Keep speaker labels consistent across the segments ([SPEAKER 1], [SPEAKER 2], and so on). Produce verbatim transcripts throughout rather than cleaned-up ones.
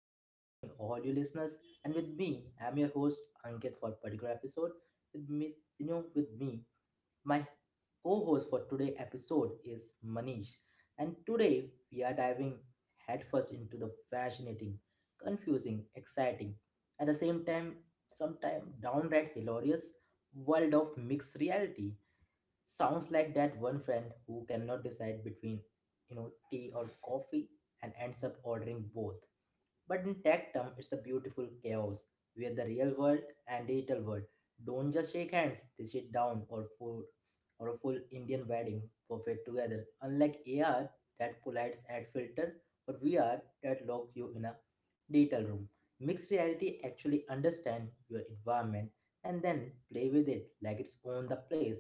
[SPEAKER 1] I am welcoming all you listeners, and with me, I'm your host Ankit for particular episode. With me, you know, with me, my co-host for today episode is Manish, and today we are diving headfirst into the fascinating, confusing, exciting, at the same time, sometimes downright hilarious world of mixed reality. Sounds like that one friend who cannot decide between, you know, tea or coffee and ends up ordering both. But in tech term, it's the beautiful chaos where the real world and digital world don't just shake hands; they sit down or for or a full Indian wedding buffet together. Unlike A R that polites ad filter or V R that lock you in a digital room, mixed reality actually understand your environment and then play with it like it's own the place.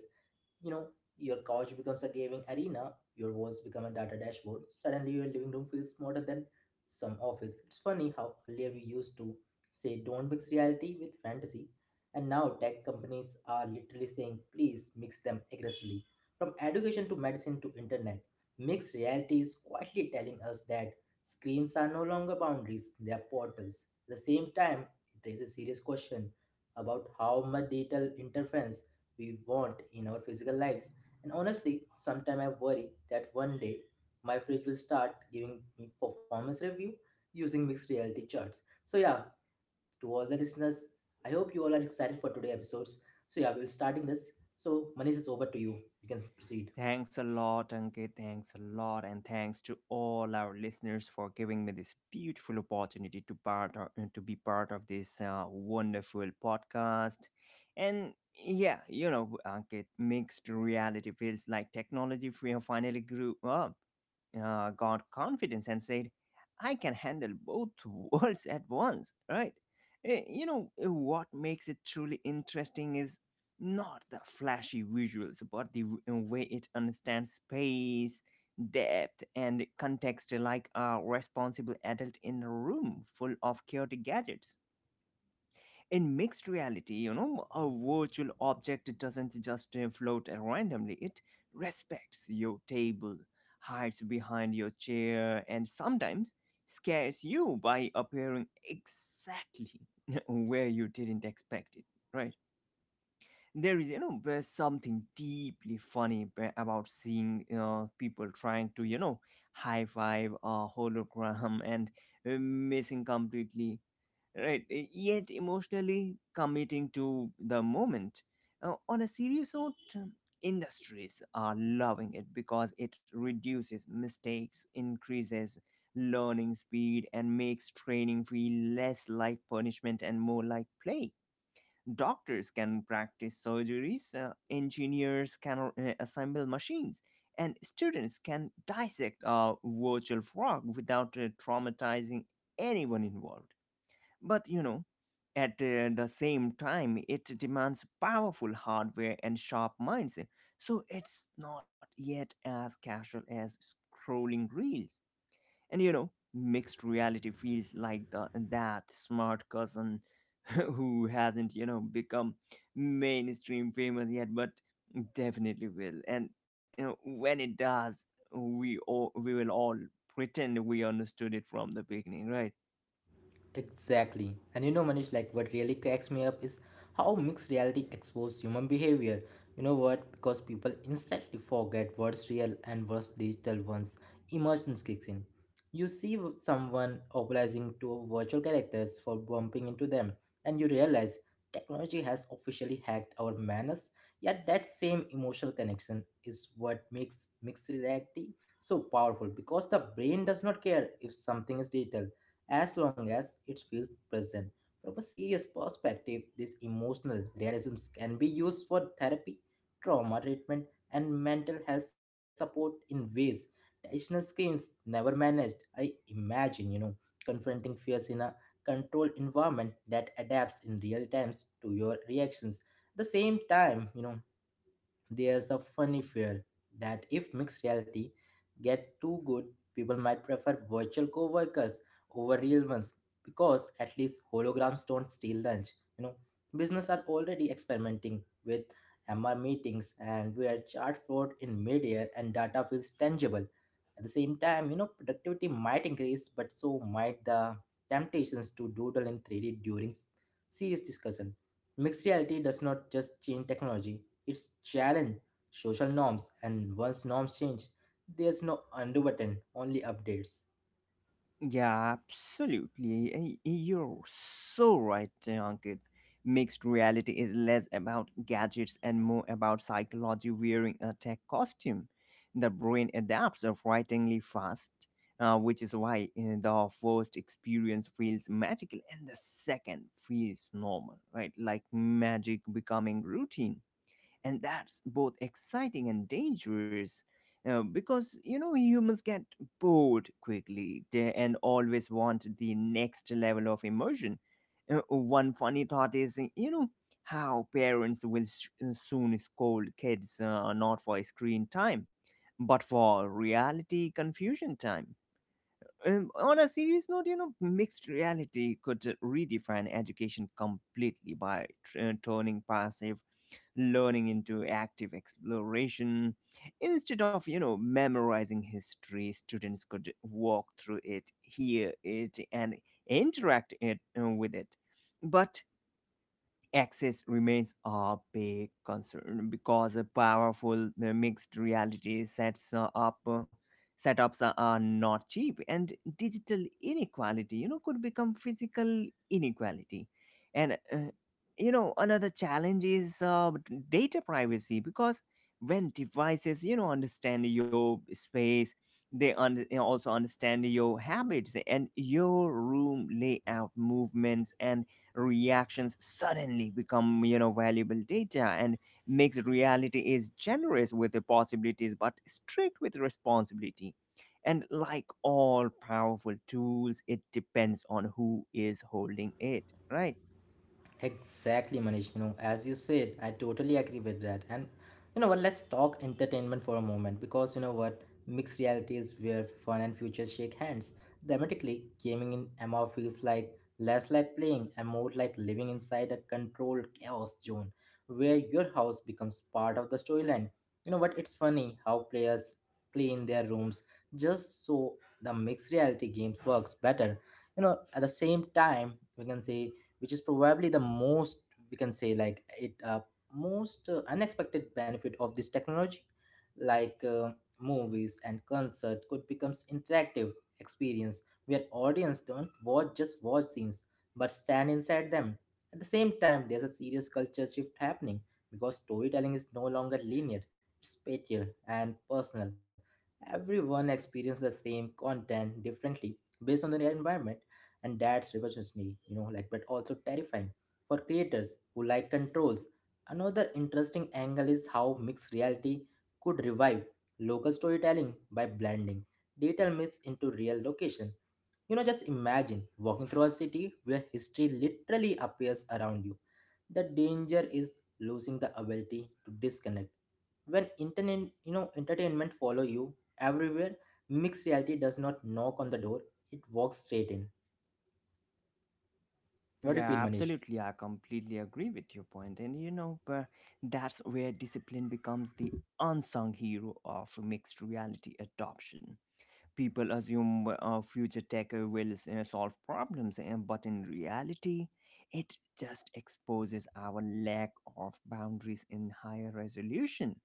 [SPEAKER 1] You know, your couch becomes a gaming arena, your walls become a data dashboard. Suddenly, your living room feels smarter than some office. It's funny how earlier we used to say don't mix reality with fantasy, and now tech companies are literally saying please mix them aggressively. From education to medicine to internet, mixed reality is quietly telling us that screens are no longer boundaries, they are portals. At the same time, it raises serious question about how much digital interference we want in our physical lives. And honestly, sometimes I worry that one day my fridge will start giving me performance review using mixed reality charts. So yeah, to all the listeners, I hope you all are excited for today's episodes. So yeah, we will starting this. So Manish, it's over to you. You can proceed.
[SPEAKER 2] Thanks a lot, Ankit. Thanks a lot. And thanks to all our listeners for giving me this beautiful opportunity to part of, to be part of this uh, wonderful podcast. And yeah, you know, Ankit, mixed reality feels like technology free finally grew up, uh, got confidence and said, I can handle both worlds at once, right? Eh, You know, eh, what makes it truly interesting is not the flashy visuals, but the w- way it understands space, depth, and context like a responsible adult in a room full of chaotic gadgets. In mixed reality, you know, a virtual object doesn't just uh, float randomly, it respects your table, hides behind your chair, and sometimes scares you by appearing exactly where you didn't expect it, right? There is you know there's something deeply funny ba- about seeing uh, people trying to you know high five a hologram and uh, missing completely, right? Y- yet emotionally committing to the moment. Uh, on a serious note, industries are loving it because it reduces mistakes, increases learning speed, and makes training feel less like punishment and more like play. Doctors can practice surgeries, uh, engineers can uh, assemble machines, and students can dissect a virtual frog without uh, traumatizing anyone involved. But you know, at uh, the same time, it demands powerful hardware and sharp minds, so it's not yet as casual as scrolling reels. And you know, mixed reality feels like the that smart cousin who hasn't, you know, become mainstream famous yet, but definitely will. And you know, when it does, we all we will all pretend we understood it from the beginning, right?
[SPEAKER 1] Exactly. And you know, Manish, like what really cracks me up is how mixed reality exposes human behavior. You know what? Because people instantly forget what's real and what's digital once emotions kicks in. You see w- someone optimizing to virtual characters for bumping into them, and you realize technology has officially hacked our manners. Yet that same emotional connection is what makes mixed reality so powerful because the brain does not care if something is digital as long as it feels present. From a serious perspective, this emotional realism can be used for therapy, trauma treatment, and mental health support in ways traditional screens never managed. I imagine, you know, confronting fears in a controlled environment that adapts in real times to your reactions. At the same time, you know, there's a funny fear that if mixed reality get too good, people might prefer virtual coworkers over real ones because at least holograms don't steal lunch. You know, business are already experimenting with M R meetings and where chart float in midair and data feels tangible. At the same time, you know, productivity might increase, but so might the temptations to doodle in three D during s- serious discussion. Mixed reality does not just change technology, it's challenge social norms, and once norms change, there's no undo button, only updates.
[SPEAKER 2] Yeah, absolutely. Y- You're so right, Ankit. Mixed reality is less about gadgets and more about psychology wearing a tech costume. The brain adapts uh, frighteningly fast, uh, which is why uh, the first experience feels magical and the second feels normal, right? Like magic becoming routine, and that's both exciting and dangerous, uh, because you know humans get bored quickly they, and always want the next level of immersion. Uh, one funny thought is, you know, how parents will s uh, soon scold kids uh, not for screen time but for reality confusion time. um, on a serious note, you know, mixed reality could redefine education completely by tr- uh, turning passive learning into active exploration. Instead of, you know, memorizing history, students could walk through it, hear it, and interact it, uh, with it. But access remains a big concern because a powerful uh, mixed reality sets uh, up uh, setups are are not cheap, and digital inequality, you know, could become physical inequality. And uh, you know, another challenge is uh, d- data privacy, because when devices, you know, understand your space, they un- you know, also understand your habits, and your room layout, movements, and reactions suddenly become, you know, valuable data. And makes reality is generous with the possibilities but strict with responsibility, and like all powerful tools, it depends on who is holding it, right?
[SPEAKER 1] Exactly, Manish. You know, as you said, I totally agree with that. And you know what? Let's talk entertainment for a moment because you know what? Mixed reality is where fun and future shake hands. Dramatically, gaming in M M O feels like less like playing and more like living inside a controlled chaos zone where your house becomes part of the storyline. You know what? It's funny how players clean their rooms just so the mixed reality games works better. You know, at the same time, we can say which is probably the most we can say like it uh, most uh, unexpected benefit of this technology like uh, movies and concert could becomes interactive experience where audience don't watch just watch scenes but stand inside them. At the same time, there's a serious culture shift happening because storytelling is no longer linear, it's spatial and personal. Everyone experiences the same content differently based on their environment, and that's revolutionary, you know, like but also terrifying for creators who like controls. Another interesting angle is how mixed reality could revive local storytelling by blending digital myths into real location. You know, just imagine walking through a city where history literally appears around you. The danger is losing the ability to disconnect when internet, you know, entertainment follow you everywhere. Mixed reality does not knock on the door, it walks straight in. What do you feel,
[SPEAKER 2] Yeah,
[SPEAKER 1] Manish?
[SPEAKER 2] absolutely. I completely agree with your point. And you know, but that's where discipline becomes the unsung hero of mixed reality adoption. People assume uh, future tech will uh, solve problems, and but in reality, it just exposes our lack of boundaries in higher resolution.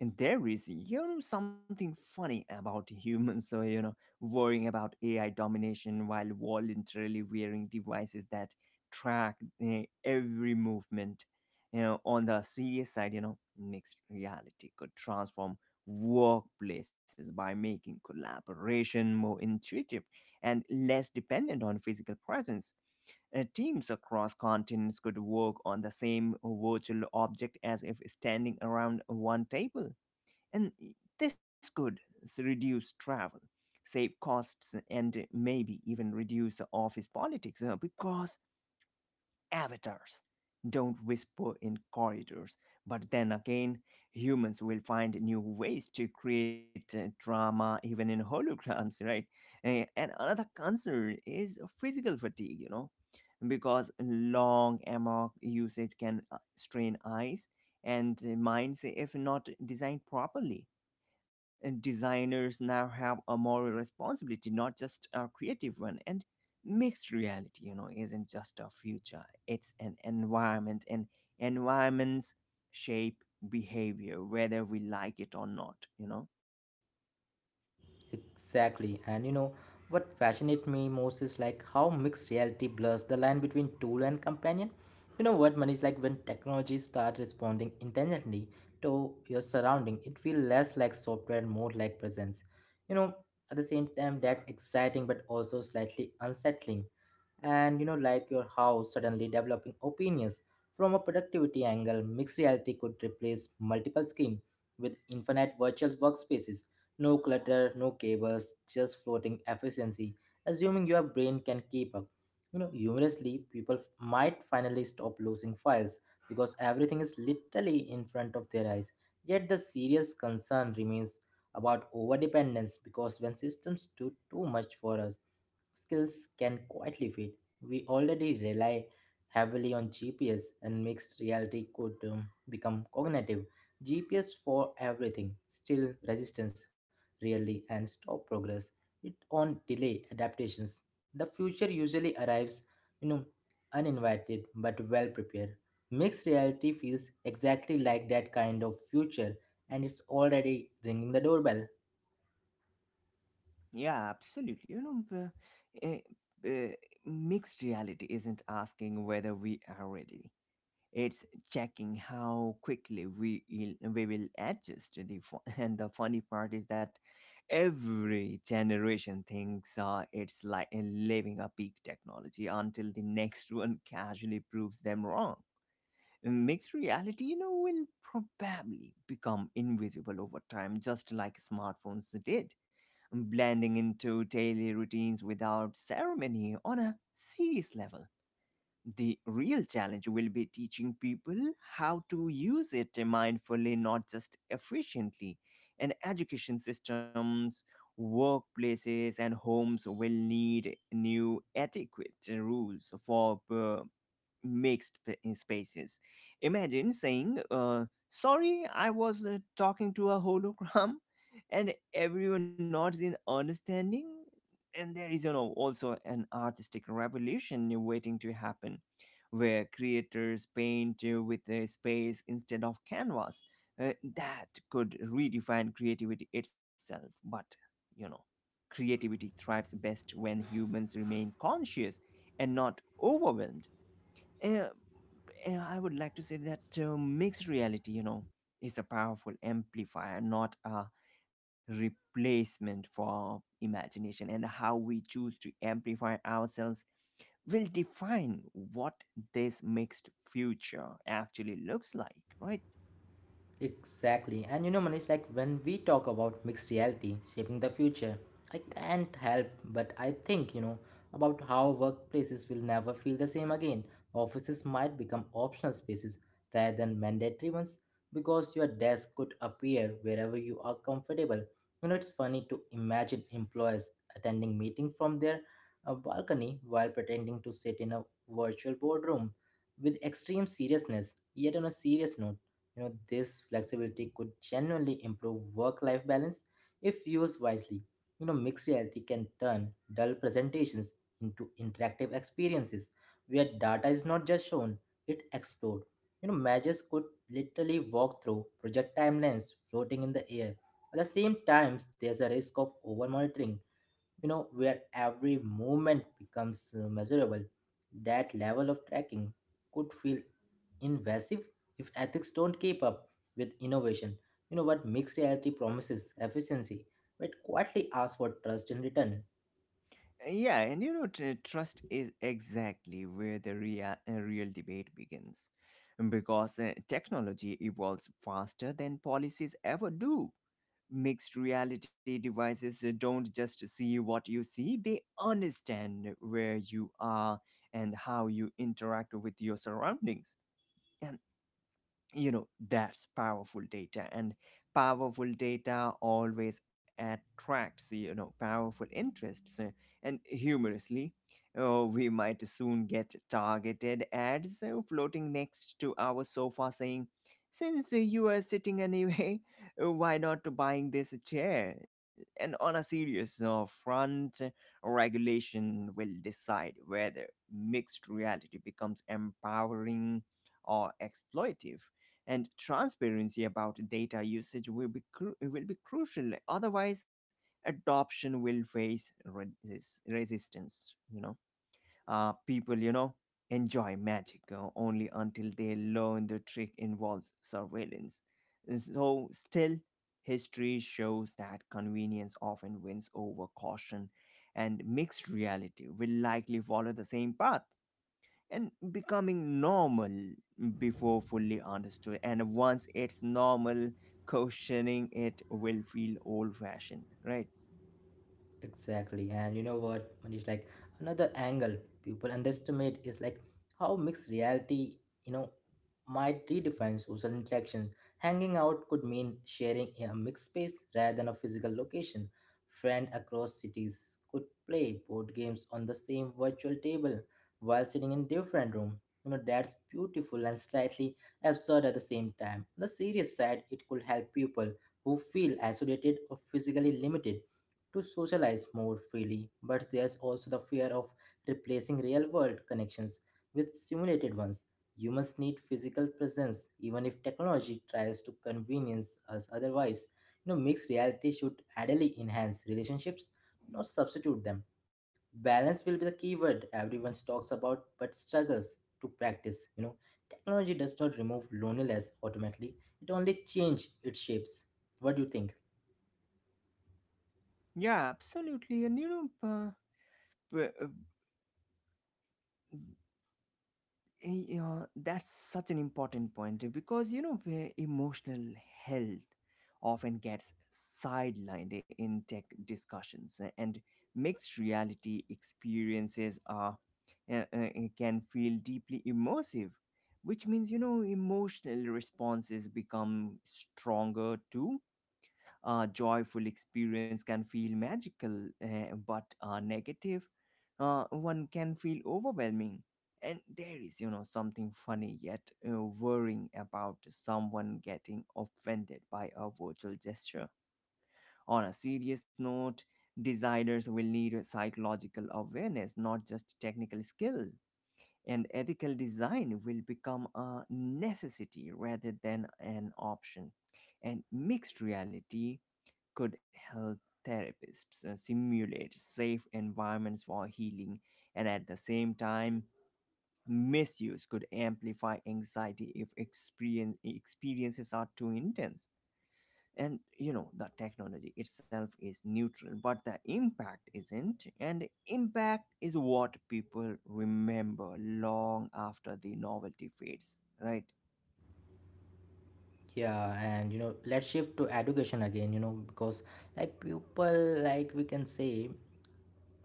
[SPEAKER 2] And there is, you know, something funny about humans, so, you know, worrying about A I domination while voluntarily wearing devices that track eh, every movement. You know, on the serious side, you know, mixed reality could transform workplaces by making collaboration more intuitive and less dependent on physical presence. Uh, teams across continents could work on the same virtual object as if standing around one table, and this could s- reduce travel, save costs, and maybe even reduce the office politics, uh, because avatars don't whisper in corridors. But then again, humans will find new ways to create uh, drama even in holograms, right? Eh, And another concern is physical fatigue, you know, because long amok usage can uh, strain eyes and uh, minds if not designed properly. And designers now have a moral responsibility, not just a creative one. And mixed reality, you know, isn't just a future, it's an environment, and environments shape behavior, whether we like it or not, you know.
[SPEAKER 1] Exactly. And you know, what fascinates me most is like how mixed reality blurs the line between tool and companion. You know what, Manish? Like when technology start responding intentionally to your surrounding, it feels less like software and more like presence. You know, at the same time, that exciting but also slightly unsettling. And you know, like your house suddenly developing opinions from a productivity angle, mixed reality could replace multiple screen with infinite virtual workspaces. No clutter, no cables, just floating efficiency, assuming your brain can keep up. You know, humorously, people f- might finally stop losing files because everything is literally in front of their eyes. Yet the serious concern remains about overdependence because when systems do too much for us, skills can quietly fade. We already rely heavily on G P S and mixed reality could um, become cognitive. G P S for everything, still resistance really and stop progress. It on delay adaptations. The future usually arrives, you know, uninvited but well prepared. Mixed reality feels exactly like that kind of future and it's already ringing the doorbell.
[SPEAKER 2] Yeah, absolutely. You know, uh, uh, uh, mixed reality isn't asking whether we are ready. It's checking how quickly we will- we will adjust to the fu- And the funny part is that every generation thinks uh, it's like a living a peak technology until the next one casually proves them wrong. Mixed reality, you know, will probably become invisible over time, just like smartphones did, blending into daily routines without ceremony, on a serious level. The real challenge will be teaching people how to use it mindfully, not just efficiently. And education systems, workplaces, and homes will need new adequate rules for uh, mixed p- in spaces. Imagine saying, uh, sorry, I was uh, talking to a hologram, and everyone nods in understanding. And there is, you know, also an artistic revolution waiting to happen where creators paint uh, with a space instead of canvas. Uh, that could redefine creativity itself, but you know, creativity thrives best when humans remain conscious and not overwhelmed. Uh, eh, I would like to say that uh, mixed reality, you know, is a powerful amplifier, not a replacement for imagination. And how we choose to amplify ourselves will define what this mixed future actually looks like, right?
[SPEAKER 1] Exactly. And you know, Manish, like when we talk about mixed reality shaping the future, I can't help but I think, you know, about how workplaces will never feel the same again. Offices might become optional spaces rather than mandatory ones because your desk could appear wherever you are comfortable. You know, it's funny to imagine employees attending meeting from their uh, balcony while pretending to sit in a virtual boardroom with extreme seriousness. Yet on a serious note, you know, this flexibility could genuinely improve work life balance if used wisely. You know, mixed reality can turn dull presentations into interactive experiences where data is not just shown, it explored. You know, managers could literally walk through project timelines floating in the air. At the same time, there's a risk of over monitoring, you know, where every movement becomes uh, measurable. That level of tracking could feel invasive if ethics don't keep up with innovation. You know what, mixed reality promises efficiency but quietly asks for trust in return.
[SPEAKER 2] Yeah, and you know, tr- trust is exactly where the real, uh, real debate begins. Because uh, technology evolves faster than policies ever do. Mixed reality devices uh, don't just see what you see, they understand where you are and how you interact with your surroundings. And you know, that's powerful data, and powerful data always attracts, you know, powerful interests. Uh, and humorously, uh, we might soon get targeted ads uh, floating next to our sofa saying, since uh, you are sitting anyway, uh, why not buying this chair? And on a serious uh, front uh, regulation will decide whether mixed reality becomes empowering or exploitive. And transparency about data usage will be cru- will be crucial, otherwise adoption will face resist- resistance, you know. Uh, people, you know, enjoy magic uh, only until they learn the trick involves surveillance. So still, history shows that convenience often wins over caution, and mixed reality will likely follow the same path, and becoming normal before fully understood. And once it's normal, questioning it will feel old fashioned, right?
[SPEAKER 1] Exactly. And you know what, Manish, like another angle people underestimate is like how mixed reality, you know, might redefine social interaction. Hanging out could mean sharing a mixed space rather than a physical location. Friend across cities could play board games on the same virtual table while sitting in different room. You know, that's beautiful and slightly absurd at the same time. On the serious side, it could help people who feel isolated or physically limited to socialize more freely, but there's also the fear of replacing real world connections with simulated ones. Humans need physical presence, even if technology tries to convenience us otherwise. You know, mixed reality should ideally enhance relationships, not substitute them. Balance will be the key word everyone talks about but struggles to practice. You know, technology does not remove loneliness automatically, it only changes its shapes. What do you think?
[SPEAKER 2] Yeah, absolutely. And you know, uh, p- uh, yeah, that's such an important point, eh, because you know where emotional health often gets sidelined eh, in tech discussions, eh, and mixed reality experiences are uh, uh, can feel deeply immersive, which means you know emotional responses become stronger too. A joyful experience can feel magical, eh, but a negative uh, one can feel overwhelming. And there is, you know, something funny yet uh, worrying about someone getting offended by a virtual gesture. On a serious note, designers will need a psychological awareness, not just technical skill. And ethical design will become a necessity rather than an option. And mixed reality could help therapists uh, simulate safe environments for healing, and at the same time, misuse could amplify anxiety if experience, experiences are too intense. And you know, the technology itself is neutral, but the impact isn't. And impact is what people remember long after the novelty fades, right?
[SPEAKER 1] Yeah, and you know, let's shift to education again, you know, because like people like we can say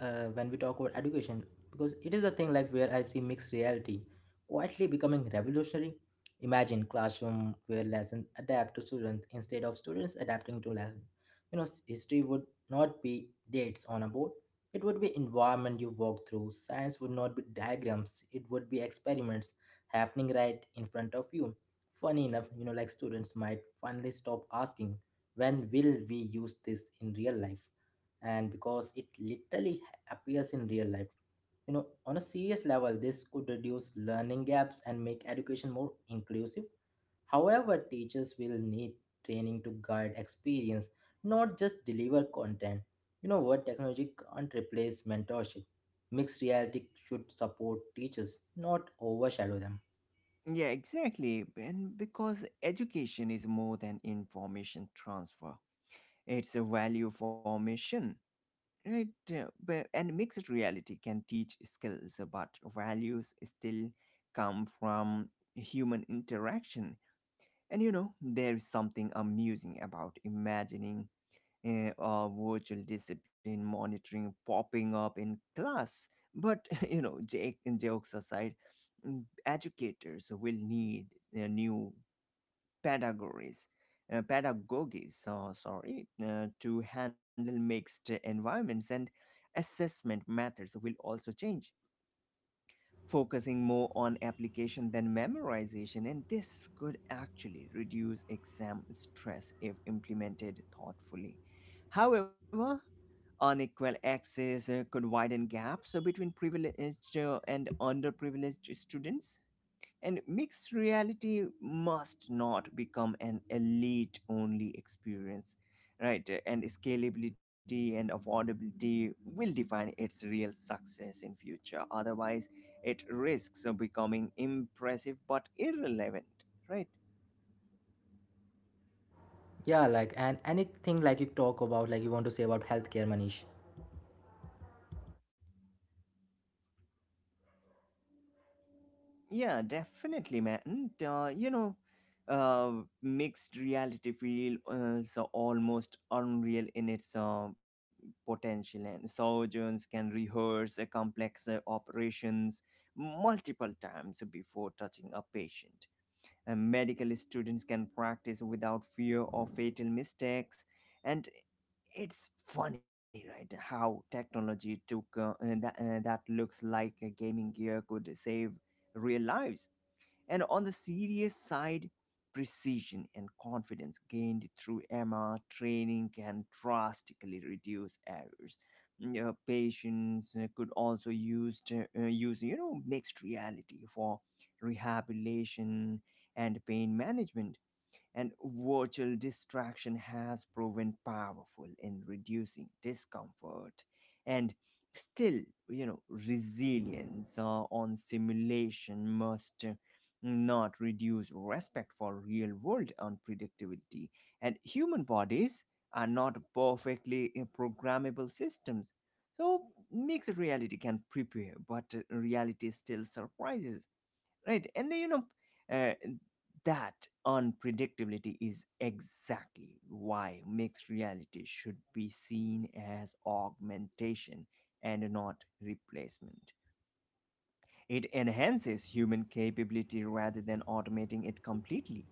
[SPEAKER 1] uh, when we talk about education because it is the thing like where I see mixed reality quietly becoming revolutionary. Imagine classroom where lessons adapt to students instead of students adapting to lesson. You know, s- history would not be dates on a board. It would be environment you walk through. Science would not be diagrams. It would be experiments happening right in front of you. Funny enough, you know, like students might finally stop asking when will we use this in real life and because it literally appears in real life. You know, on a serious level, this could reduce learning gaps and make education more inclusive. However, teachers will need training to guide experience, not just deliver content. You know what? Technology can't replace mentorship. Mixed reality should support teachers, not overshadow them.
[SPEAKER 2] Yeah, exactly. And because education is more than information transfer, it's a value formation, right? Uh, but- And mixed reality can teach skills, but values still come from human interaction. And you know, there is something amusing about imagining uh, a virtual discipline monitoring popping up in class. But you know, jake- jokes aside, mm, educators will need uh, new pedagogies, uh, pedagogies, so sorry, uh, to handle mixed environments, and assessment methods will also change, focusing more on application than memorization, and this could actually reduce exam stress if implemented thoughtfully. However, unequal access uh, could widen gaps uh, between privileged uh, and underprivileged students, and mixed reality must not become an elite only experience, right? And scalability and affordability will define its real success in future. Otherwise, it risks becoming impressive but irrelevant, right?
[SPEAKER 1] Yeah, like, and anything like you talk about, like you want to say about healthcare, Manish.
[SPEAKER 2] Yeah, definitely, man. Uh, you know, uh, Mixed reality feels uh, so almost unreal in its uh, potential, and surgeons can rehearse a complex uh, operations multiple times before touching a patient. Uh, medical students can practice without fear of fatal mistakes. And it's funny, right? How technology took uh, that, uh, that looks like a gaming gear could save real lives. And on the serious side, precision and confidence gained through EMMA training can drastically reduce errors. Mm, uh, patients uh, could also use to, uh, use you know mixed reality for rehabilitation and pain management, and virtual distraction has proven powerful in reducing discomfort. And still, you know resilience uh, on simulation must uh, not reduce respect for real world unpredictability, and human bodies are not perfectly uh, programmable systems. So mixed reality can prepare, but uh, reality still surprises, right? and you know uh, that unpredictability is exactly why mixed reality should be seen as augmentation and not replacement. It enhances human capability rather than automating it completely.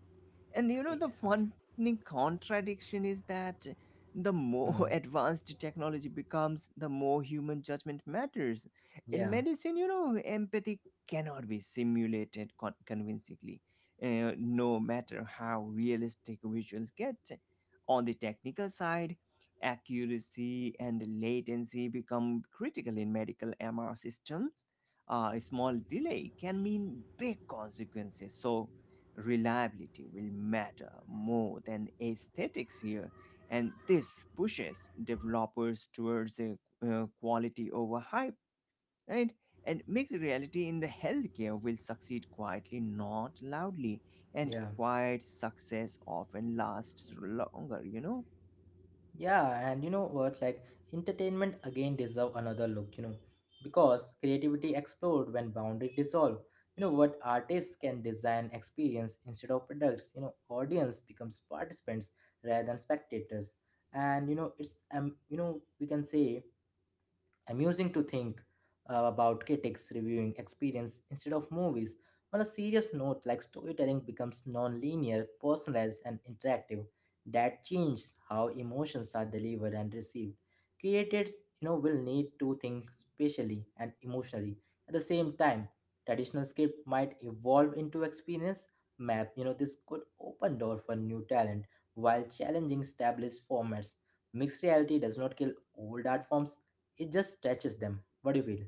[SPEAKER 2] And you know, the
[SPEAKER 1] Yeah.
[SPEAKER 2] funny contradiction is that the more
[SPEAKER 1] Hmm.
[SPEAKER 2] advanced technology becomes, the more human judgment matters. In
[SPEAKER 1] Yeah.
[SPEAKER 2] medicine, you know, empathy cannot be simulated con- convincingly, uh, no matter how realistic visuals get. On the technical side, accuracy and latency become critical in medical M R systems. Uh, a small delay can mean big consequences. So reliability will matter more than aesthetics here, and this pushes developers towards a, uh, quality over hype, right? And mixed reality in the healthcare will succeed quietly, not loudly, and
[SPEAKER 1] Yeah.
[SPEAKER 2] quiet success often lasts longer, you know?
[SPEAKER 1] Yeah, and you know what? Like, entertainment again deserve another look, you know, because creativity explode when boundary dissolve. You know what? Artists can design experience instead of products. You know, audience becomes participants rather than spectators, and you know it's um you know we can say amusing to think uh, about critics reviewing experience instead of movies. On a serious note, like storytelling becomes non-linear, personalized, and interactive. That changes how emotions are delivered and received. Creators, you know, will need to think spatially and emotionally. At the same time, traditional script might evolve into experience map. You know, this could open door for new talent while challenging established formats. Mixed reality does not kill old art forms, it just touches them. What do you feel?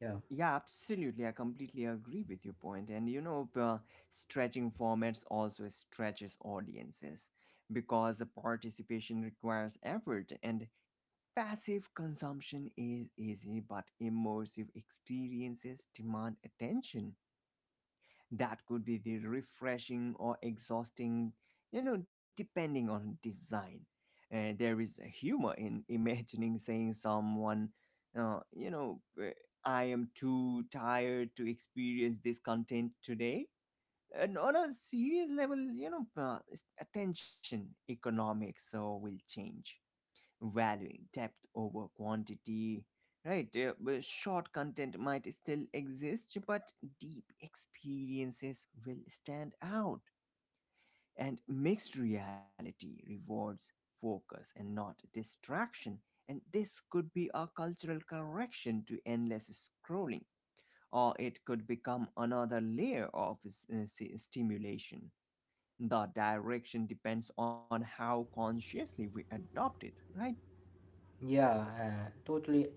[SPEAKER 1] Yeah.
[SPEAKER 2] Yeah, absolutely. I completely agree with your point. And you know, uh, stretching formats also stretches audiences because the participation requires effort. And passive consumption is easy, but immersive experiences demand attention. That could be the refreshing or exhausting, you know, depending on design. Uh, there is humor in imagining saying someone, uh, you know, uh, "I am too tired to experience this content today." And on a serious level, you know, uh, attention economics so will change, valuing depth over quantity. Right, uh, well, short content might still exist, but deep experiences will stand out. And mixed reality rewards focus and not distraction. And this could be a cultural correction to endless scrolling, or it could become another layer of s- uh, s- stimulation. The direction depends on how consciously we adopt it, right?
[SPEAKER 1] Yeah, uh, totally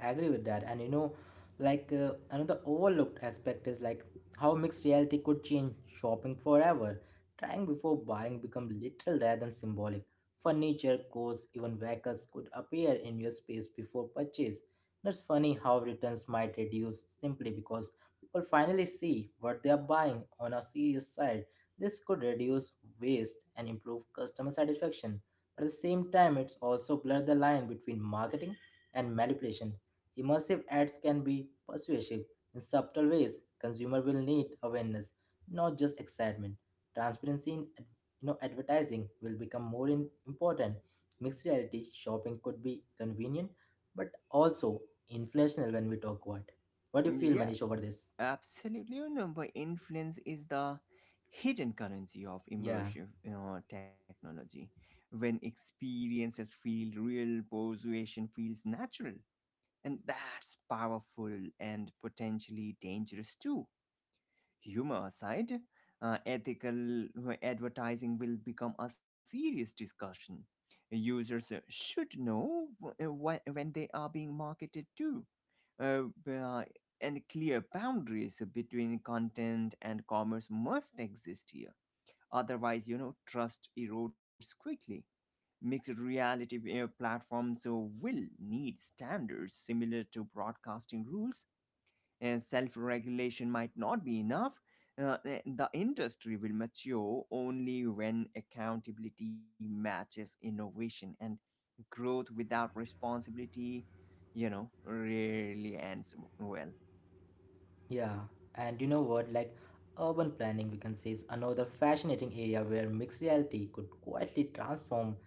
[SPEAKER 1] agree with that. And you know, like uh, another overlooked aspect is like how mixed reality could change shopping forever. Trying before buying become literal rather than symbolic. Furniture, clothes, even vehicles could appear in your space before purchase. It's funny how returns might reduce simply because people finally see what they are buying. On a serious side, this could reduce waste and improve customer satisfaction. At the same time, it's also blurred the line between marketing and manipulation. Immersive ads can be persuasive in subtle ways. Consumer will need awareness, not just excitement. Transparency in ad- you know, advertising will become more in- important. Mixed reality shopping could be convenient, but also inflationary when we talk about. What do you
[SPEAKER 2] Mm,
[SPEAKER 1] feel,
[SPEAKER 2] Yeah.
[SPEAKER 1] Manish, over this?
[SPEAKER 2] Absolutely, you know, but influence is the hidden currency of
[SPEAKER 1] Yeah.
[SPEAKER 2] immersive uh, technology. When experiences feel real, persuasion feels natural, and that's powerful and potentially dangerous too. Humor aside, uh, ethical uh, advertising will become a serious discussion. Users uh, should know when, when they are being marketed to, uh, uh, and clear boundaries between content and commerce must exist here. Otherwise, you know, trust erodes quickly. Mixed reality uh, platforms uh, will need standards similar to broadcasting rules, and self-regulation might not be enough. Uh, eh, the industry will mature only when accountability matches innovation, and growth without responsibility, you know, rarely ends well.
[SPEAKER 1] Yeah, and you know what? Like urban planning, we can say, is another fascinating area where mixed reality could quietly transform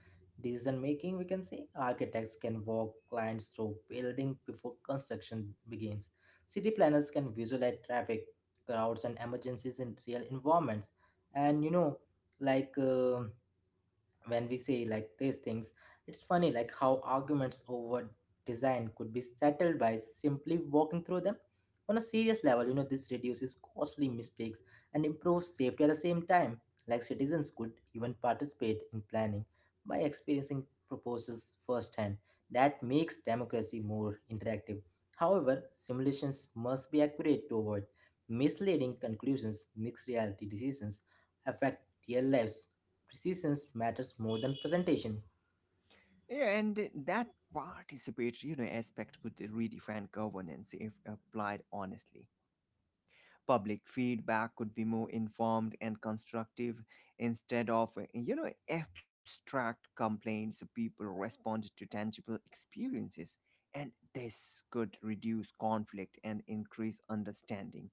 [SPEAKER 1] decision making. We can say architects can walk clients through building before construction begins. City planners can visualize traffic, crowds, and emergencies in real environments. And you know, like. Uh, when we say like these things, it's funny like how arguments over design could be settled by simply walking through them. On a serious level, you know, this reduces costly mistakes and improves safety at the same time. Like citizens could even participate in planning by experiencing proposals firsthand. That makes democracy more interactive. However, simulations must be accurate to avoid misleading conclusions. Mixed reality decisions affect real lives. Precision matters more than presentation.
[SPEAKER 2] Yeah, and that participatory, you know, aspect could redefine governance if applied honestly. Public feedback could be more informed and constructive instead of uh, you know abstract complaints. People respond to tangible experiences, and this could reduce conflict and increase understanding.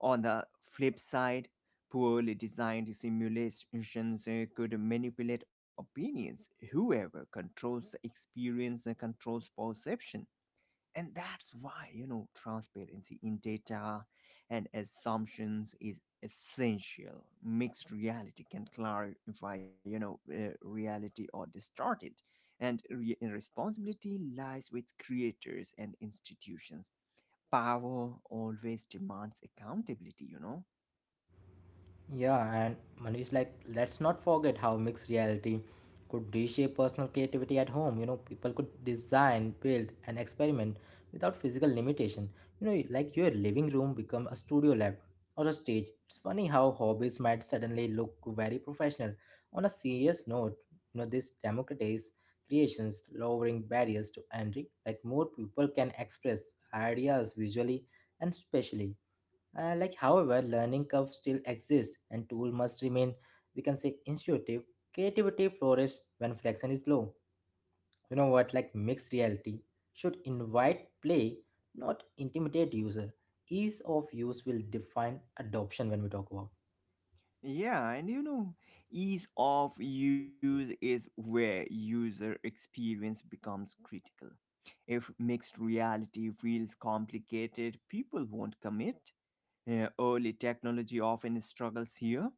[SPEAKER 2] On the flip side, poorly designed simulations uh, could manipulate opinions. Whoever controls the experience uh, controls perception, and that's why, you know, transparency in data and assumptions is essential. Mixed reality can clarify, you know, uh, reality or distort it. And re- responsibility lies with creators and institutions. Power always demands accountability, you know.
[SPEAKER 1] Yeah, and Manu is like, let's not forget how mixed reality could reshape personal creativity at home. You know, people could design, build, and experiment without physical limitation. You know, like your living room become a studio lab or a stage. It's funny how hobbies might suddenly look very professional. On a serious note, you know, this democratize creations, lowering barriers to entry. Like more people can express ideas visually and spatially. Uh, like however, learning curve still exists and tool must remain, we can say, intuitive. Creativity flourishes when friction is low. You know what? Like mixed reality should invite play, not intimidate user. Ease of use will define adoption when we talk about.
[SPEAKER 2] Yeah, and you know, ease of use is where user experience becomes critical. If mixed reality feels complicated, people won't commit. Uh, early technology often struggles here.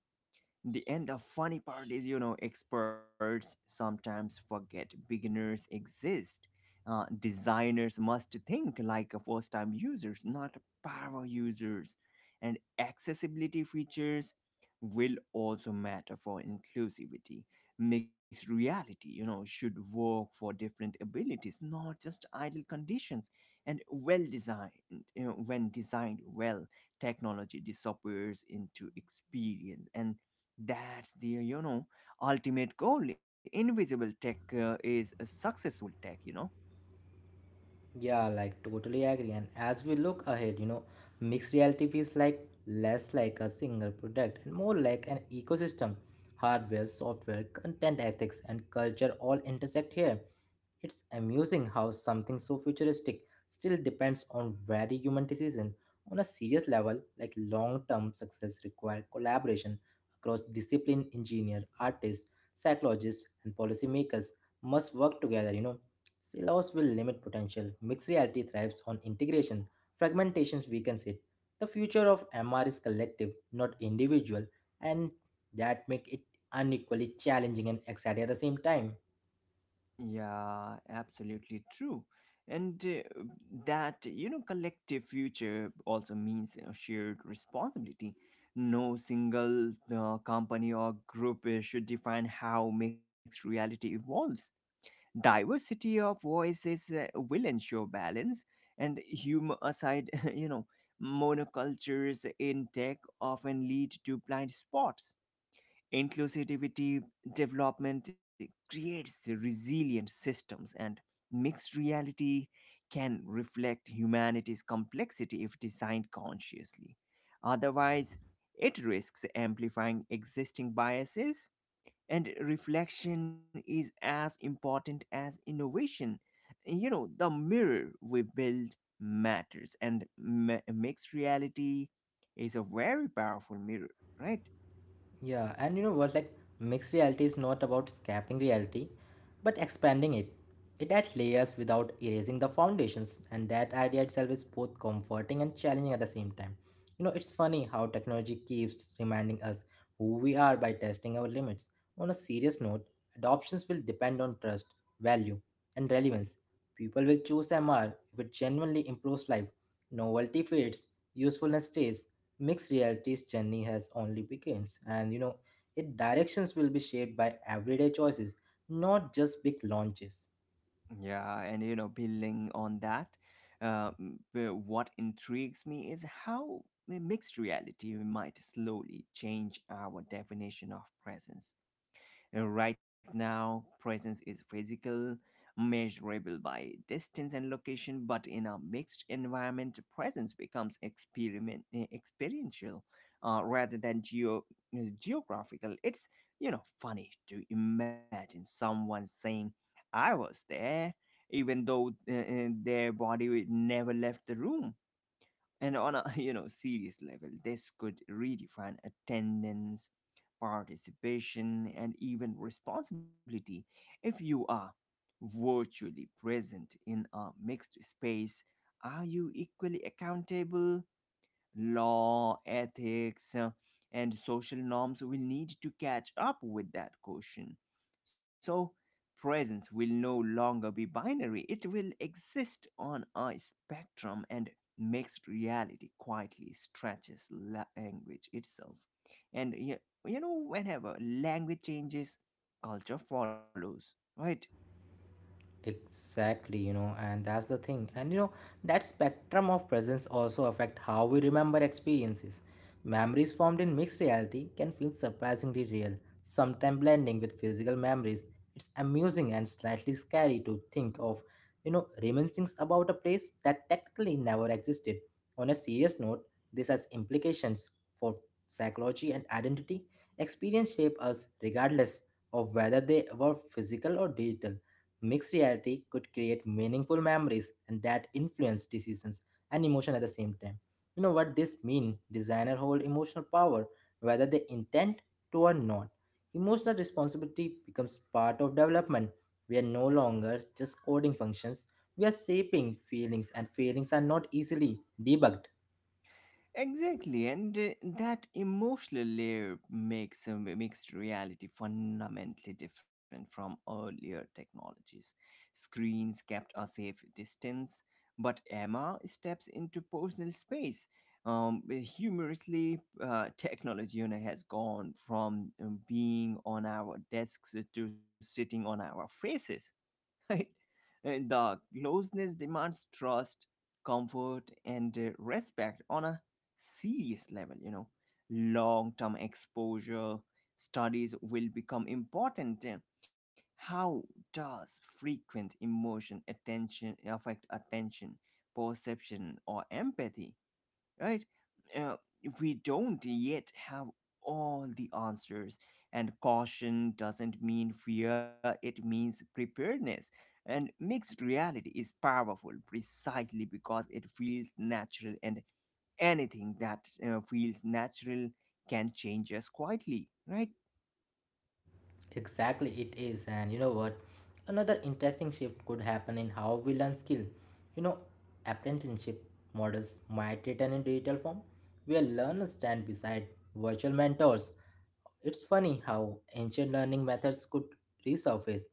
[SPEAKER 2] The and the funny part is, you know, experts sometimes forget beginners exist. Uh, designers must think like a first-time users, not power users. And accessibility features will also matter for inclusivity. Mixed reality, you know, should work for different abilities, not just ideal conditions. And well designed, you know, when designed well, technology disappears into experience, and that's the you know ultimate goal. Invisible tech uh, is a successful tech, you know
[SPEAKER 1] Yeah, like totally agree. And as we look ahead, you know, mixed reality feels like less like a single product and more like an ecosystem. Hardware, software, content ethics, and culture all intersect here. It's amusing how something so futuristic still depends on very human decision. On a serious level, like long-term success requires collaboration across discipline engineer, artists, psychologists, and policymakers must work together, you know. Silos will limit potential. Mixed reality thrives on integration. Fragmentations weakens it. The future of M R is collective, not individual, and that make it unequally challenging and exciting at the same time.
[SPEAKER 2] yeah, absolutely true. And uh, that you know collective future also means uh, shared responsibility. No single uh, company or group uh, should define how mixed reality evolves. Diversity of voices uh, will ensure balance. And humor aside, you know monocultures in tech often lead to blind spots. Inclusivity development creates resilient systems, and mixed reality can reflect humanity's complexity if designed consciously. Otherwise, it risks amplifying existing biases. And reflection is as important as innovation. you know the mirror we build matters, and ma- mixed reality is a very powerful mirror, right?
[SPEAKER 1] Yeah, and you know what? Like, mixed reality is not about escaping reality, but expanding it. It adds layers without erasing the foundations, and that idea itself is both comforting and challenging at the same time. You know, it's funny how technology keeps reminding us who we are by testing our limits. On a serious note, adoptions will depend on trust, value, and relevance. People will choose M R if it genuinely improves life. Novelty fades, usefulness stays. Mixed reality's journey has only begins, and you know, its directions will be shaped by everyday choices, not just big launches.
[SPEAKER 2] Yeah, and you know building on that, uh, m- uh, what intrigues me is how the mixed reality might slowly change our definition of presence. Uh, Right now, presence is physical, measurable by distance and location, but in a mixed environment, presence becomes experiment eh, experiential uh, rather than geo eh, geographical. It's you know funny to imagine someone saying, "I was there," even though uh, uh, their body never left the room. And on a you know serious level, this could redefine attendance, participation, and even responsibility. If you are virtually present in a mixed space, are you equally accountable? Law, ethics, uh, and social norms will need to catch up with that question. So presence will no longer be binary, it will exist on a spectrum, and mixed reality quietly stretches la- language itself. And you, you know, whenever language changes, culture follows, right?
[SPEAKER 1] Exactly, you know, and that's the thing. And you know, that spectrum of presence also affect how we remember experiences. Memories formed in mixed reality can feel surprisingly real, sometimes blending with physical memories. It's amusing and slightly scary to think of, you know, reminiscings about a place that technically never existed. On a serious note, this has implications for psychology and identity. Experience shape us regardless of whether they were physical or digital. Mixed reality could create meaningful memories and that influence decisions and emotion at the same time. You know what this mean? Designer hold emotional power whether they intend to or not. Emotional responsibility becomes part of development. We are no longer just coding functions. We are shaping feelings, and feelings are not easily debugged.
[SPEAKER 2] Exactly, and uh, that emotional layer makes um, mixed reality fundamentally different from earlier technologies. Screens kept a safe distance, but Emma steps into personal space. Um, eh, humorously, uh, technology, you know, has gone from um, being on our desks to sitting on our faces, right? And the closeness demands trust, comfort, and uh, respect on a serious level, you know. Long term exposure studies will become important. Uh, How does frequent emotion attention affect attention, perception, or empathy, right? Uh, we don't yet have all the answers, and caution doesn't mean fear, it means preparedness. And mixed reality is powerful precisely because it feels natural, and anything that uh, feels natural can change us quietly, right?
[SPEAKER 1] Exactly, it is. And you know what? Another interesting shift could happen in how we learn skill. You know, apprenticeship models might return in digital form, where learners stand beside virtual mentors. It's funny how ancient learning methods could resurface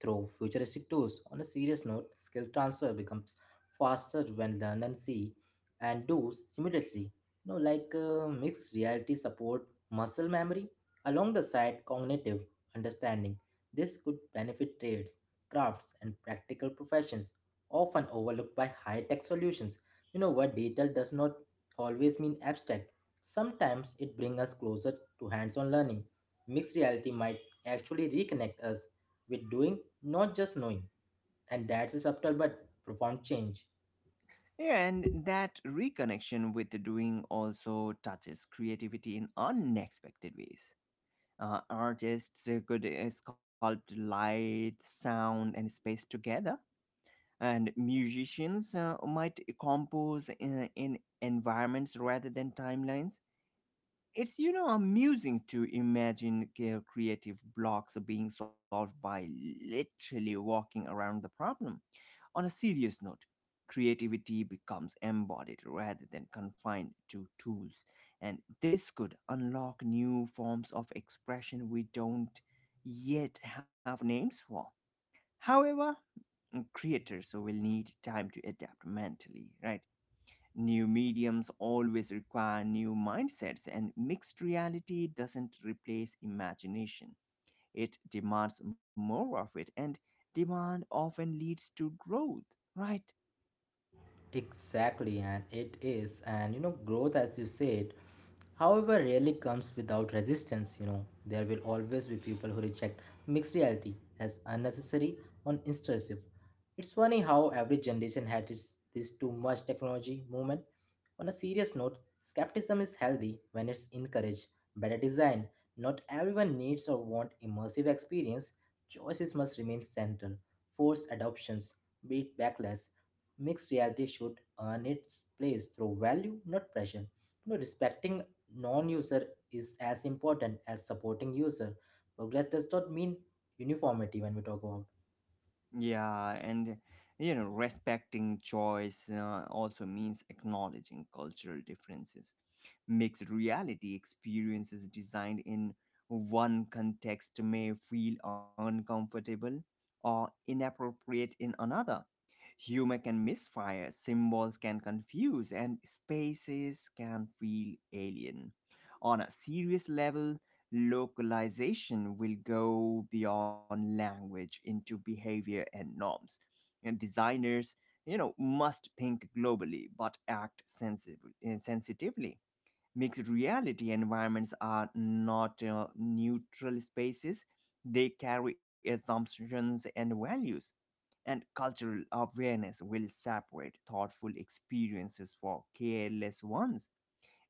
[SPEAKER 1] through futuristic tools. On a serious note, skill transfer becomes faster when learn and see and do simultaneously. You know, like uh, mixed reality support muscle memory along the side cognitive understanding. This could benefit trades, crafts, and practical professions, often overlooked by high tech solutions. You know what? Detail does not always mean abstract. Sometimes it brings us closer to hands on learning. Mixed reality might actually reconnect us with doing, not just knowing. And that's a subtle but profound change.
[SPEAKER 2] Yeah, and that reconnection with the doing also touches creativity in unexpected ways. Uh, artists uh, could uh, sculpt light, sound, and space together, and musicians uh, might compose in, in environments rather than timelines. It's you know amusing to imagine uh, creative blocks being solved by literally walking around the problem. On a serious note, creativity becomes embodied rather than confined to tools, and this could unlock new forms of expression we don't yet have names for. However, mm, creators will need time to adapt mentally, right? New mediums always require new mindsets, and mixed reality doesn't replace imagination. It demands more of it, and demand often leads to growth, right?
[SPEAKER 1] Exactly, and it is. And you know, growth, as you said, however, rarely comes without resistance. You know, there will always be people who reject mixed reality as unnecessary or intrusive. It's funny how every generation had its this too much technology movement. On a serious note, skepticism is healthy when it's encouraged. Better design. Not everyone needs or want immersive experience. Choices must remain central. Force adoptions, be it backlash. Mixed reality should earn its place through value, not pressure. You know, respecting non-user is as important as supporting user. Progress does not mean uniformity when we talk about.
[SPEAKER 2] Yeah, and you know, respecting choice uh, also means acknowledging cultural differences. Mixed reality experiences designed in one context may feel uncomfortable or inappropriate in another. Humor can misfire, symbols can confuse, and spaces can feel alien. On a serious level, localization will go beyond language into behavior and norms. And designers, you know, must think globally but act sensitively. sensitively. Mixed reality environments are not uh, neutral spaces. They carry assumptions and values, and cultural awareness will separate thoughtful experiences for careless ones.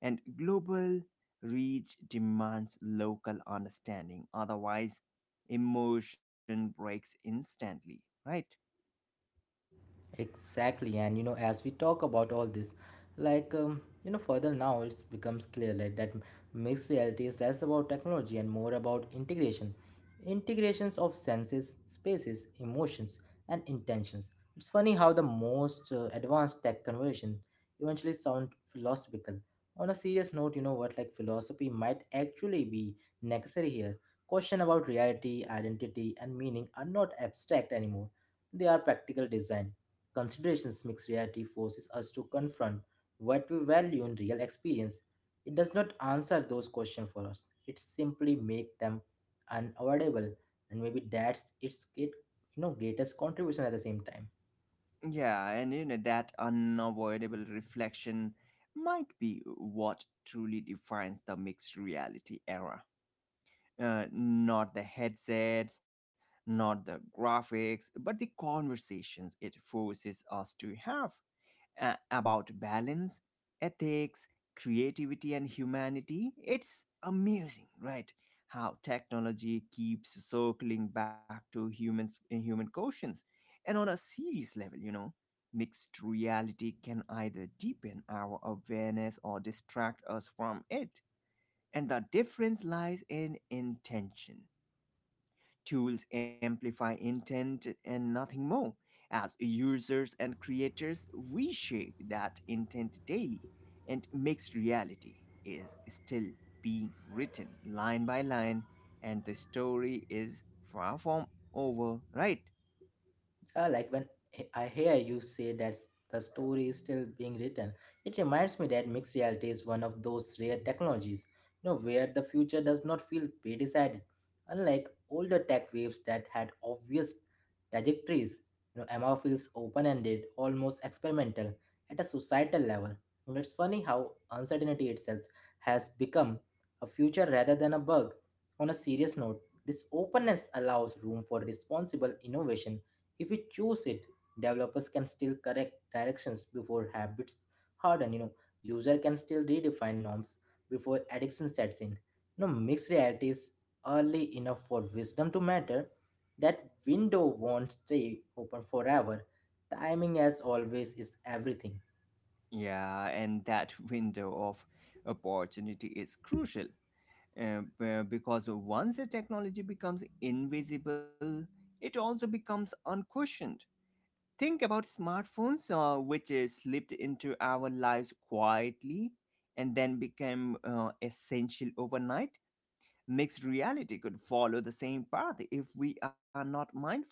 [SPEAKER 2] And global reach demands local understanding, otherwise, emotion breaks instantly, right?
[SPEAKER 1] Exactly, and you know, as we talk about all this, like um, you know, further now it becomes clear like that mixed reality is less about technology and more about integration, integrations of senses, spaces, emotions, and intentions. It's funny how the most uh, advanced tech conversion eventually sound philosophical. On a serious note, you know what, like philosophy might actually be necessary here. Question about reality, identity, and meaning are not abstract anymore. They are practical design considerations. Mixed reality forces us to confront what we value in real experience. It does not answer those questions for us. It simply makes them unavoidable, and maybe that's its great, you know, greatest contribution at the same time.
[SPEAKER 2] Yeah, and you know, that unavoidable reflection might be what truly defines the mixed reality era. Uh, not the headsets, not the graphics, but the conversations it forces us to have uh, about balance, ethics, creativity, and humanity. It's amazing, right? How technology keeps circling back to humans human questions. And on a serious level, you know. Mixed reality can either deepen our awareness or distract us from it, and the difference lies in intention. Tools amplify intent and nothing more. As users and creators, we shape that intent daily, and mixed reality is still being written line by line, and the story is far from over, right?
[SPEAKER 1] Yeah, like when he- I hear you say that the story is still being written, it reminds me that mixed reality is one of those rare technologies, you know, where the future does not feel predecided. Unlike older tech waves that had obvious trajectories, you know, Emma feels open-ended, almost experimental at a societal level. And it's funny how uncertainty itself has become a future rather than a bug. On a serious note, this openness allows room for responsible innovation. If we choose it, developers can still correct directions before habits harden. You know, user can still redefine norms before addiction sets in. You know, mixed realities early enough for wisdom to matter. That window won't stay open forever. Timing, as always, is everything.
[SPEAKER 2] Yeah, and that window of opportunity is crucial, uh, b- because once the technology becomes invisible, it also becomes unquestioned. Think about smartphones, uh, which is slipped into our lives quietly and then became uh, essential overnight. Mixed reality could follow the same path if we are not mindful.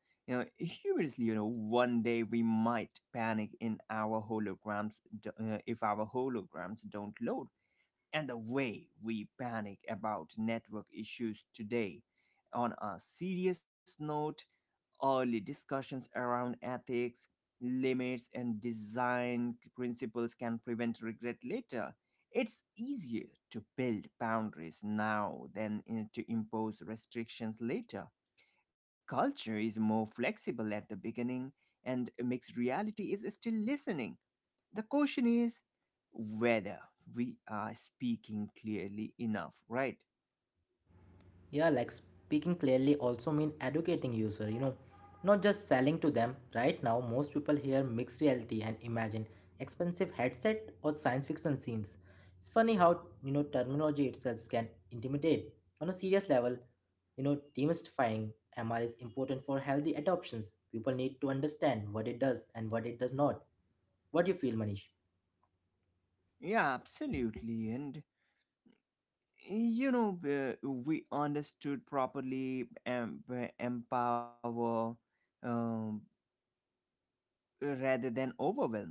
[SPEAKER 2] You know, humorously, you know, one day we might panic in our holograms d- uh, if our holograms don't load. And the way we panic about network issues today, on a serious note, early discussions around ethics, limits, and design principles can prevent regret later. It's easier to build boundaries now than in- to impose restrictions later. Culture is more flexible at the beginning, and mixed reality is still listening. The question is whether we are speaking clearly enough, right?
[SPEAKER 1] Yeah, like speaking clearly also mean educating user, you know, not just selling to them. Right now, most people hear mixed reality and imagine expensive headset or science fiction scenes. It's funny how, you know, terminology itself can intimidate. On a serious level, you know, demystifying M R is important for healthy adoptions. People need to understand what it does and what it does not. What do you feel, Manish?
[SPEAKER 2] Yeah, absolutely. And you know uh, we understood properly, em- empower, um, rather than overwhelm.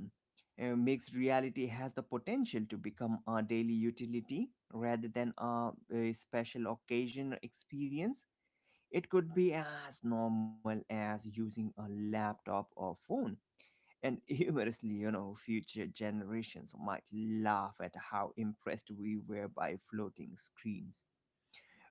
[SPEAKER 2] uh, Mixed reality has the potential to become our daily utility rather than our uh, special occasion experience. It could be as normal as using a laptop or phone. And humorously, you know future generations might laugh at how impressed we were by floating screens.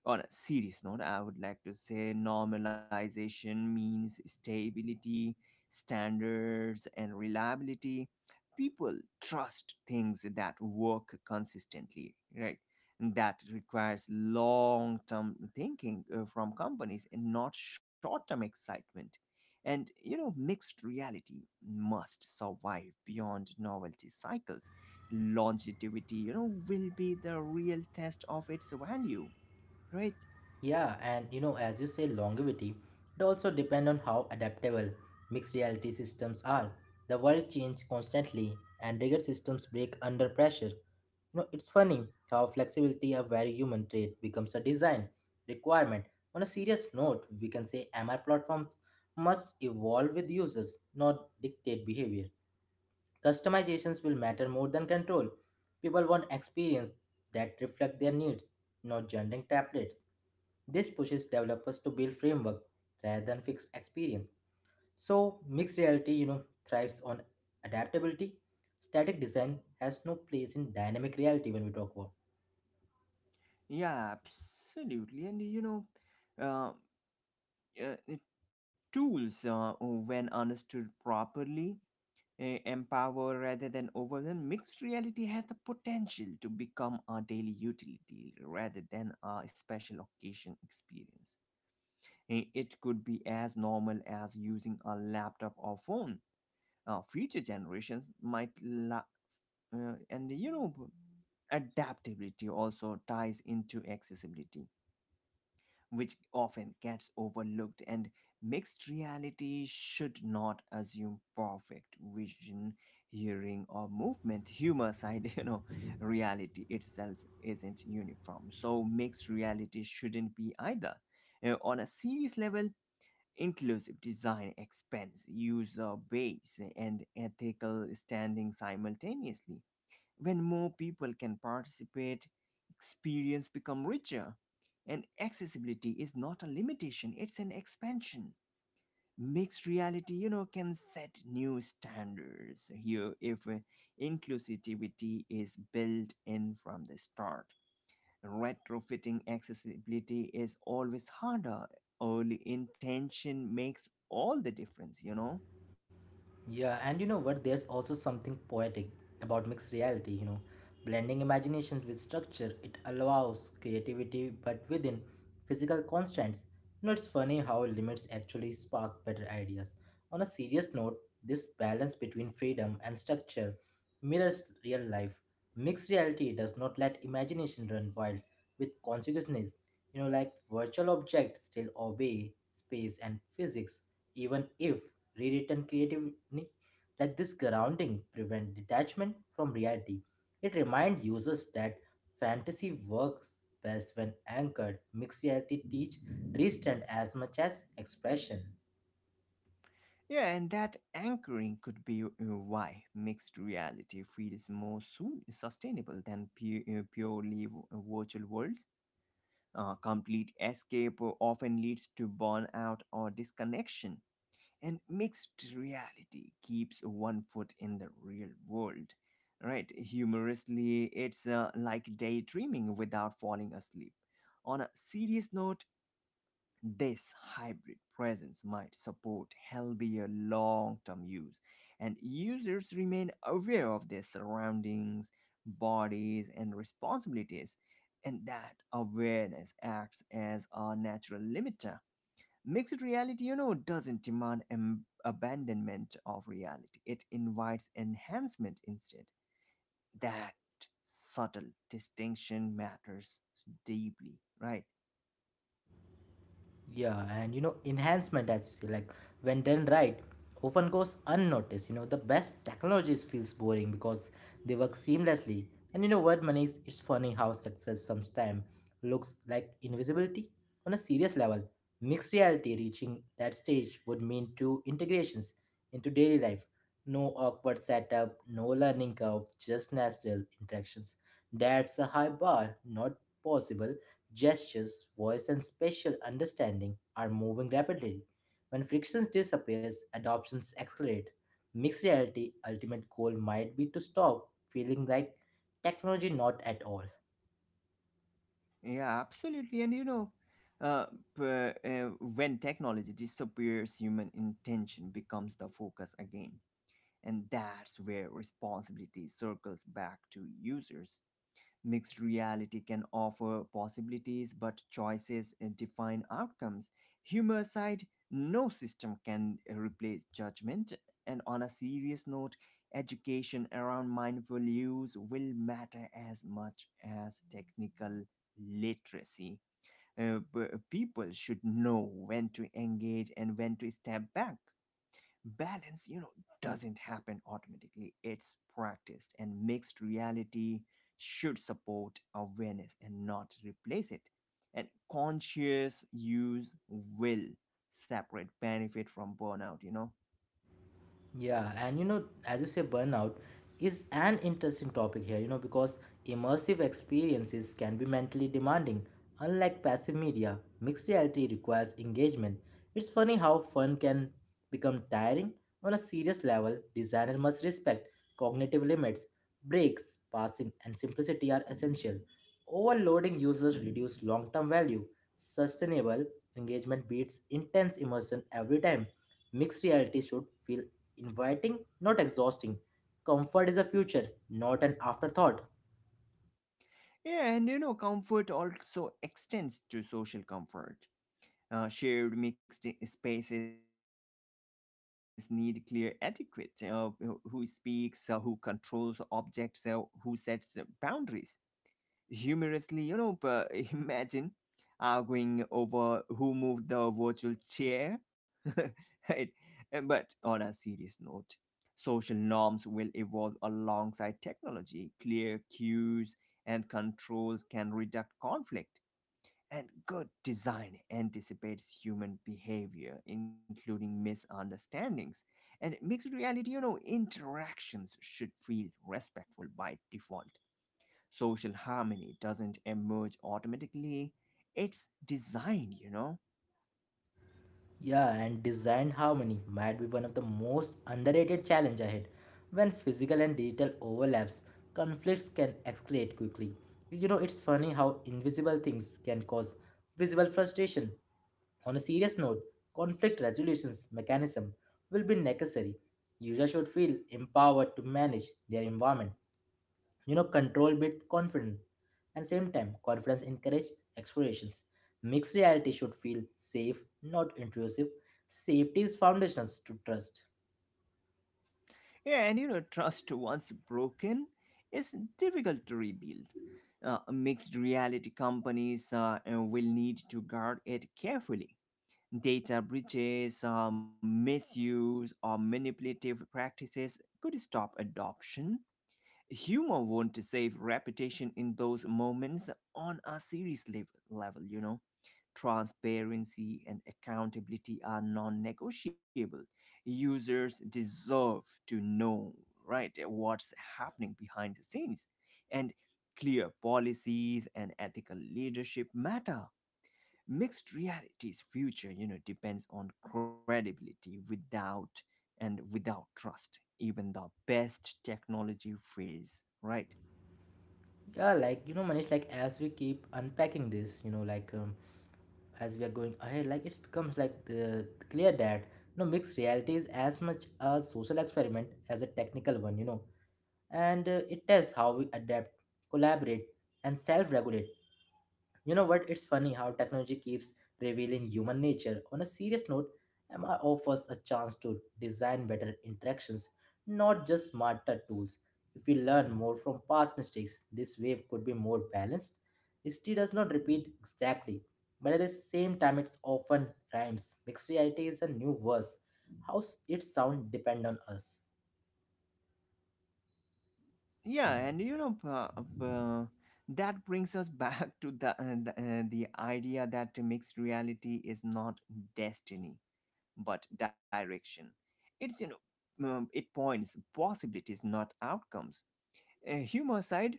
[SPEAKER 2] On a serious note, I would like to say normalization means stability, standards, and reliability. People trust things that work consistently, right? And that requires long term thinking uh, from companies and not short term excitement. And you know, mixed reality must survive beyond novelty cycles. Longevity, you know, will be the real test of its value, right?
[SPEAKER 1] Yeah, and you know, as you say, longevity, it also depends on how adaptable mixed reality systems are. The world changes constantly, and rigid systems break under pressure. You know, it's funny how flexibility, a very human trait, becomes a design requirement. On a serious note, we can say M R platforms must evolve with users, not dictate behavior. Customizations will matter more than control. People want experience that reflect their needs, not generic templates. This pushes developers to build framework rather than fixed experience. So mixed reality, you know, thrives on adaptability. Static design has no place in dynamic reality when we talk about.
[SPEAKER 2] Yeah, absolutely. And you know, uh, uh, Tools, uh, when understood properly, uh, empower rather than overwhelm. Mixed reality has the potential to become a daily utility rather than a special occasion experience. Uh, It could be as normal as using a laptop or phone. Uh, future generations might, la- uh, and you know, Adaptability also ties into accessibility, which often gets overlooked, and mixed reality should not assume perfect vision, hearing, or movement. Humor side, you know, reality itself isn't uniform, so mixed reality shouldn't be either. Uh, on a serious level, inclusive design expense, user base, and ethical standing simultaneously. When more people can participate, experience become richer, and accessibility is not a limitation, it's an expansion. Mixed reality, you know, can set new standards here if uh, inclusivity is built in from the start. Retrofitting accessibility is always harder. Early intention makes all the difference, you know.
[SPEAKER 1] Yeah, and you know what? There's also something poetic about mixed reality, you know, blending imaginations with structure. It allows creativity, but within physical constraints. You know, it's funny how limits actually spark better ideas. On a serious note, this balance between freedom and structure mirrors real life. Mixed reality does not let imagination run wild with consequences. You know, like virtual objects still obey space and physics, even if rewritten creatively. Like this grounding prevent detachment from reality. It reminds users that fantasy works best when anchored. Mixed reality teach restraint as much as expression.
[SPEAKER 2] Yeah, and that anchoring could be uh, why mixed reality feels more su- sustainable than pu- uh, purely v- uh, virtual worlds. Uh, complete escape uh, often leads to burnout or disconnection, and mixed reality keeps one foot in the real world. Right? Humorously, it's uh, like daydreaming without falling asleep. On a serious note, this hybrid presence might support healthier long term use, and users remain aware of their surroundings, bodies, and responsibilities. And that awareness acts as a natural limiter. Mixed reality, you know, doesn't demand am- abandonment of reality, it invites enhancement instead. That subtle distinction matters deeply, right?
[SPEAKER 1] Yeah, and you know, enhancement as you say, like when done right, often goes unnoticed. You know, the best technologies feels boring because they work seamlessly. And you know what, Manish? It's funny how success sometimes looks like invisibility on a serious level. Mixed reality reaching that stage would mean two integrations into daily life. No awkward setup, no learning curve, just natural interactions. That's a high bar, not possible. Gestures, voice, and spatial understanding are moving rapidly. When friction disappears, adoptions accelerate. Mixed reality ultimate goal might be to stop feeling like technology not at all.
[SPEAKER 2] Yeah, absolutely. And you know, uh, p- uh, When technology disappears, human intention becomes the focus again. And that's where responsibility circles back to users. Mixed reality can offer possibilities, but choices uh, define outcomes. Humor aside, no system can uh, replace judgment. And on a serious note, education around mindful use will matter as much as technical literacy. Uh, p- people should know when to engage and when to step back. Balance, you know, doesn't happen automatically, it's practiced, and mixed reality should support awareness and not replace it, and conscious use will separate benefit from burnout, you know.
[SPEAKER 1] Yeah, and you know, as you say, burnout is an interesting topic here, you know, because immersive experiences can be mentally demanding. Unlike passive media, mixed reality requires engagement. It's funny how fun can become tiring. On a serious level, designer must respect cognitive limits. Breaks, passing, and simplicity are essential. Overloading users reduce long term value. Sustainable engagement beats intense immersion every time. Mixed reality should feel inviting, not exhausting. Comfort is a future, not an afterthought.
[SPEAKER 2] Yeah, and you know, comfort also extends to social comfort. Uh, shared mixed spaces need clear etiquette: uh, who speaks, uh, who controls objects, uh, who sets uh, boundaries. Humorously, you know, uh, imagine arguing over who moved the virtual chair. Right? But on a serious note, social norms will evolve alongside technology. Clear cues and controls can reduce conflict. And good design anticipates human behavior, including misunderstandings. And mixed reality, you know, interactions should feel respectful by default. Social harmony doesn't emerge automatically, it's designed, you know.
[SPEAKER 1] Yeah, and design harmony might be one of the most underrated challenge ahead. When physical and digital overlaps, conflicts can escalate quickly. You know, it's funny how invisible things can cause visible frustration. On a serious note, conflict resolutions mechanism will be necessary. Users should feel empowered to manage their environment, you know, control with confidence. And same time, confidence encourages explorations. Mixed reality should feel safe, not intrusive. Safety is foundations to trust.
[SPEAKER 2] Yeah, and you know, trust once broken is difficult to rebuild. Uh, mixed reality companies uh, uh, will need to guard it carefully. Data breaches, uh, misuse, or manipulative practices could stop adoption. Humor won't save reputation in those moments. On a serious lev- level, you know. Transparency and accountability are non negotiable. Users deserve to know, right, what's happening behind the scenes. And clear policies and ethical leadership matter. Mixed reality's future, you know, depends on credibility, without and without trust. Even the best technology fails, right?
[SPEAKER 1] Yeah, like, you know, Manish, like as we keep unpacking this, you know, like um, as we are going ahead, like it becomes like the, clear that, you know, mixed reality is as much a social experiment as a technical one, you know. And uh, it tests how we adapt, collaborate, and self-regulate. You know what? It's funny how technology keeps revealing human nature. On a serious note, M R offers a chance to design better interactions, not just smarter tools. If we learn more from past mistakes, this wave could be more balanced. History does not repeat exactly, but at the same time, it's often rhymes. Mixed reality is a new verse. How s- it sound depend on us.
[SPEAKER 2] Yeah, and you know, uh, uh, that brings us back to the uh, the, uh, the idea that mixed reality is not destiny but direction. It's, you know, um, it points possibilities, not outcomes. Uh, humor aside,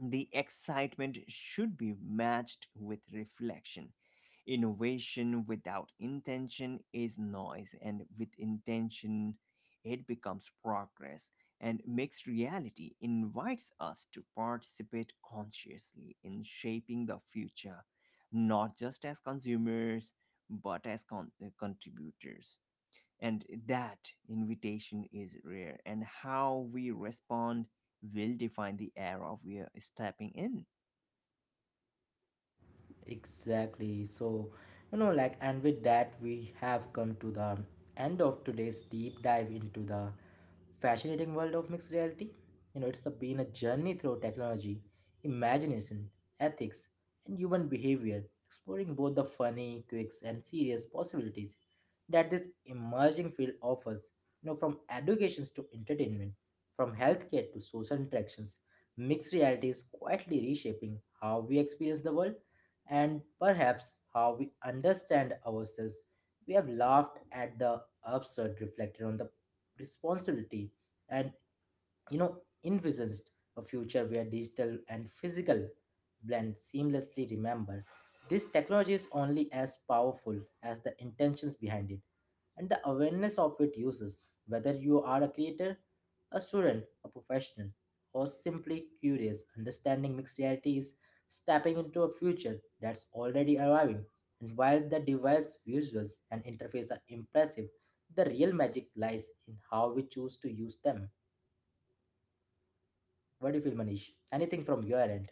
[SPEAKER 2] the excitement should be matched with reflection. Innovation without intention is noise, and with intention, it becomes progress. And mixed reality invites us to participate consciously in shaping the future, not just as consumers, but as con- contributors. And that invitation is rare, and how we respond will define the era we are stepping in.
[SPEAKER 1] Exactly. So, you know, like, and with that, we have come to the end of today's deep dive into the fascinating world of mixed reality. You know, it's the, been a journey through technology, imagination, ethics, and human behavior, exploring both the funny quirks and serious possibilities that this emerging field offers. You know, from educations to entertainment, from healthcare to social interactions, mixed reality is quietly reshaping how we experience the world and perhaps how we understand ourselves. We have laughed at the absurd, reflected on the responsibility, and, you know, envisaged a future where digital and physical blend seamlessly. Remember, this technology is only as powerful as the intentions behind it and the awareness of it uses. Whether you are a creator, a student, a professional, or simply curious, understanding mixed reality is stepping into a future that's already arriving. And while the device visuals and interface are impressive, the real magic lies in how we choose to use them. What do you feel, Manish? Anything from your end?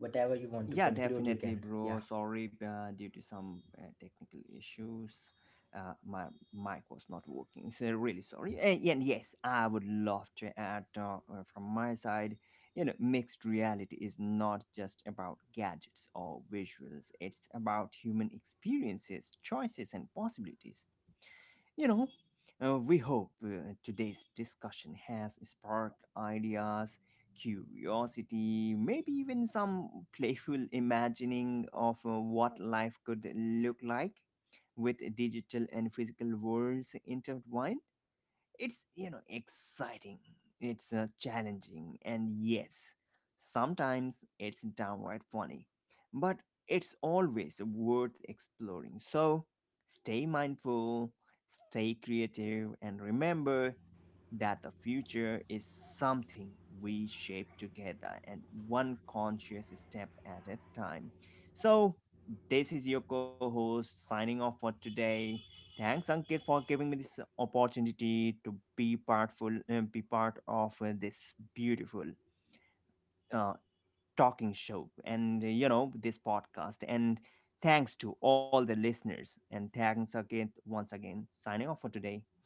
[SPEAKER 1] Whatever you want to
[SPEAKER 2] Yeah,
[SPEAKER 1] conclude, you
[SPEAKER 2] definitely,
[SPEAKER 1] can.
[SPEAKER 2] bro.
[SPEAKER 1] Yeah.
[SPEAKER 2] Sorry, uh, due to some uh, technical issues, uh, my mic was not working. So really sorry. And, and yes, I would love to add uh, uh, from my side. You know, mixed reality is not just about gadgets or visuals. It's about human experiences, choices, and possibilities, you know, uh, we hope uh, today's discussion has sparked ideas, curiosity, maybe even some playful imagining of uh, what life could look like with digital and physical worlds intertwined. It's, you know, exciting, it's uh, challenging, and yes, sometimes it's downright funny, but it's always worth exploring. So stay mindful, stay creative, and remember that the future is something we shape together, and one conscious step at a time. So, this is your co host signing off for today. Thanks, Ankit, for giving me this opportunity to be partful, uh, be part of uh, this beautiful uh, talking show, and uh, you know, this podcast. And thanks to all the listeners, and thanks again, once again signing off for today.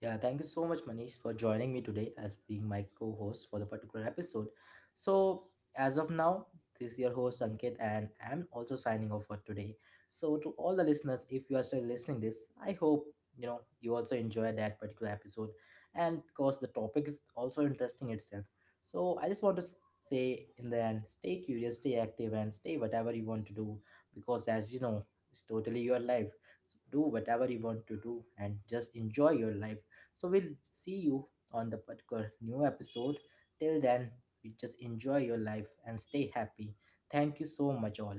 [SPEAKER 1] Yeah, thank you so much, Manish, for joining me today as being my co host for the particular episode. So, as of now, this is your host, Ankit, and I'm also signing off for today. So, to all the listeners, if you are still listening this, I hope you know you also enjoy that particular episode. And because the topic is also interesting itself, so i just want to s- say in the end, stay curious, stay active, and stay whatever you want to do, because as you know, it's totally your life. So do whatever you want to do and just enjoy your life. So we'll see you on the particular new episode. Till then, you just enjoy your life and stay happy. Thank you so much, all.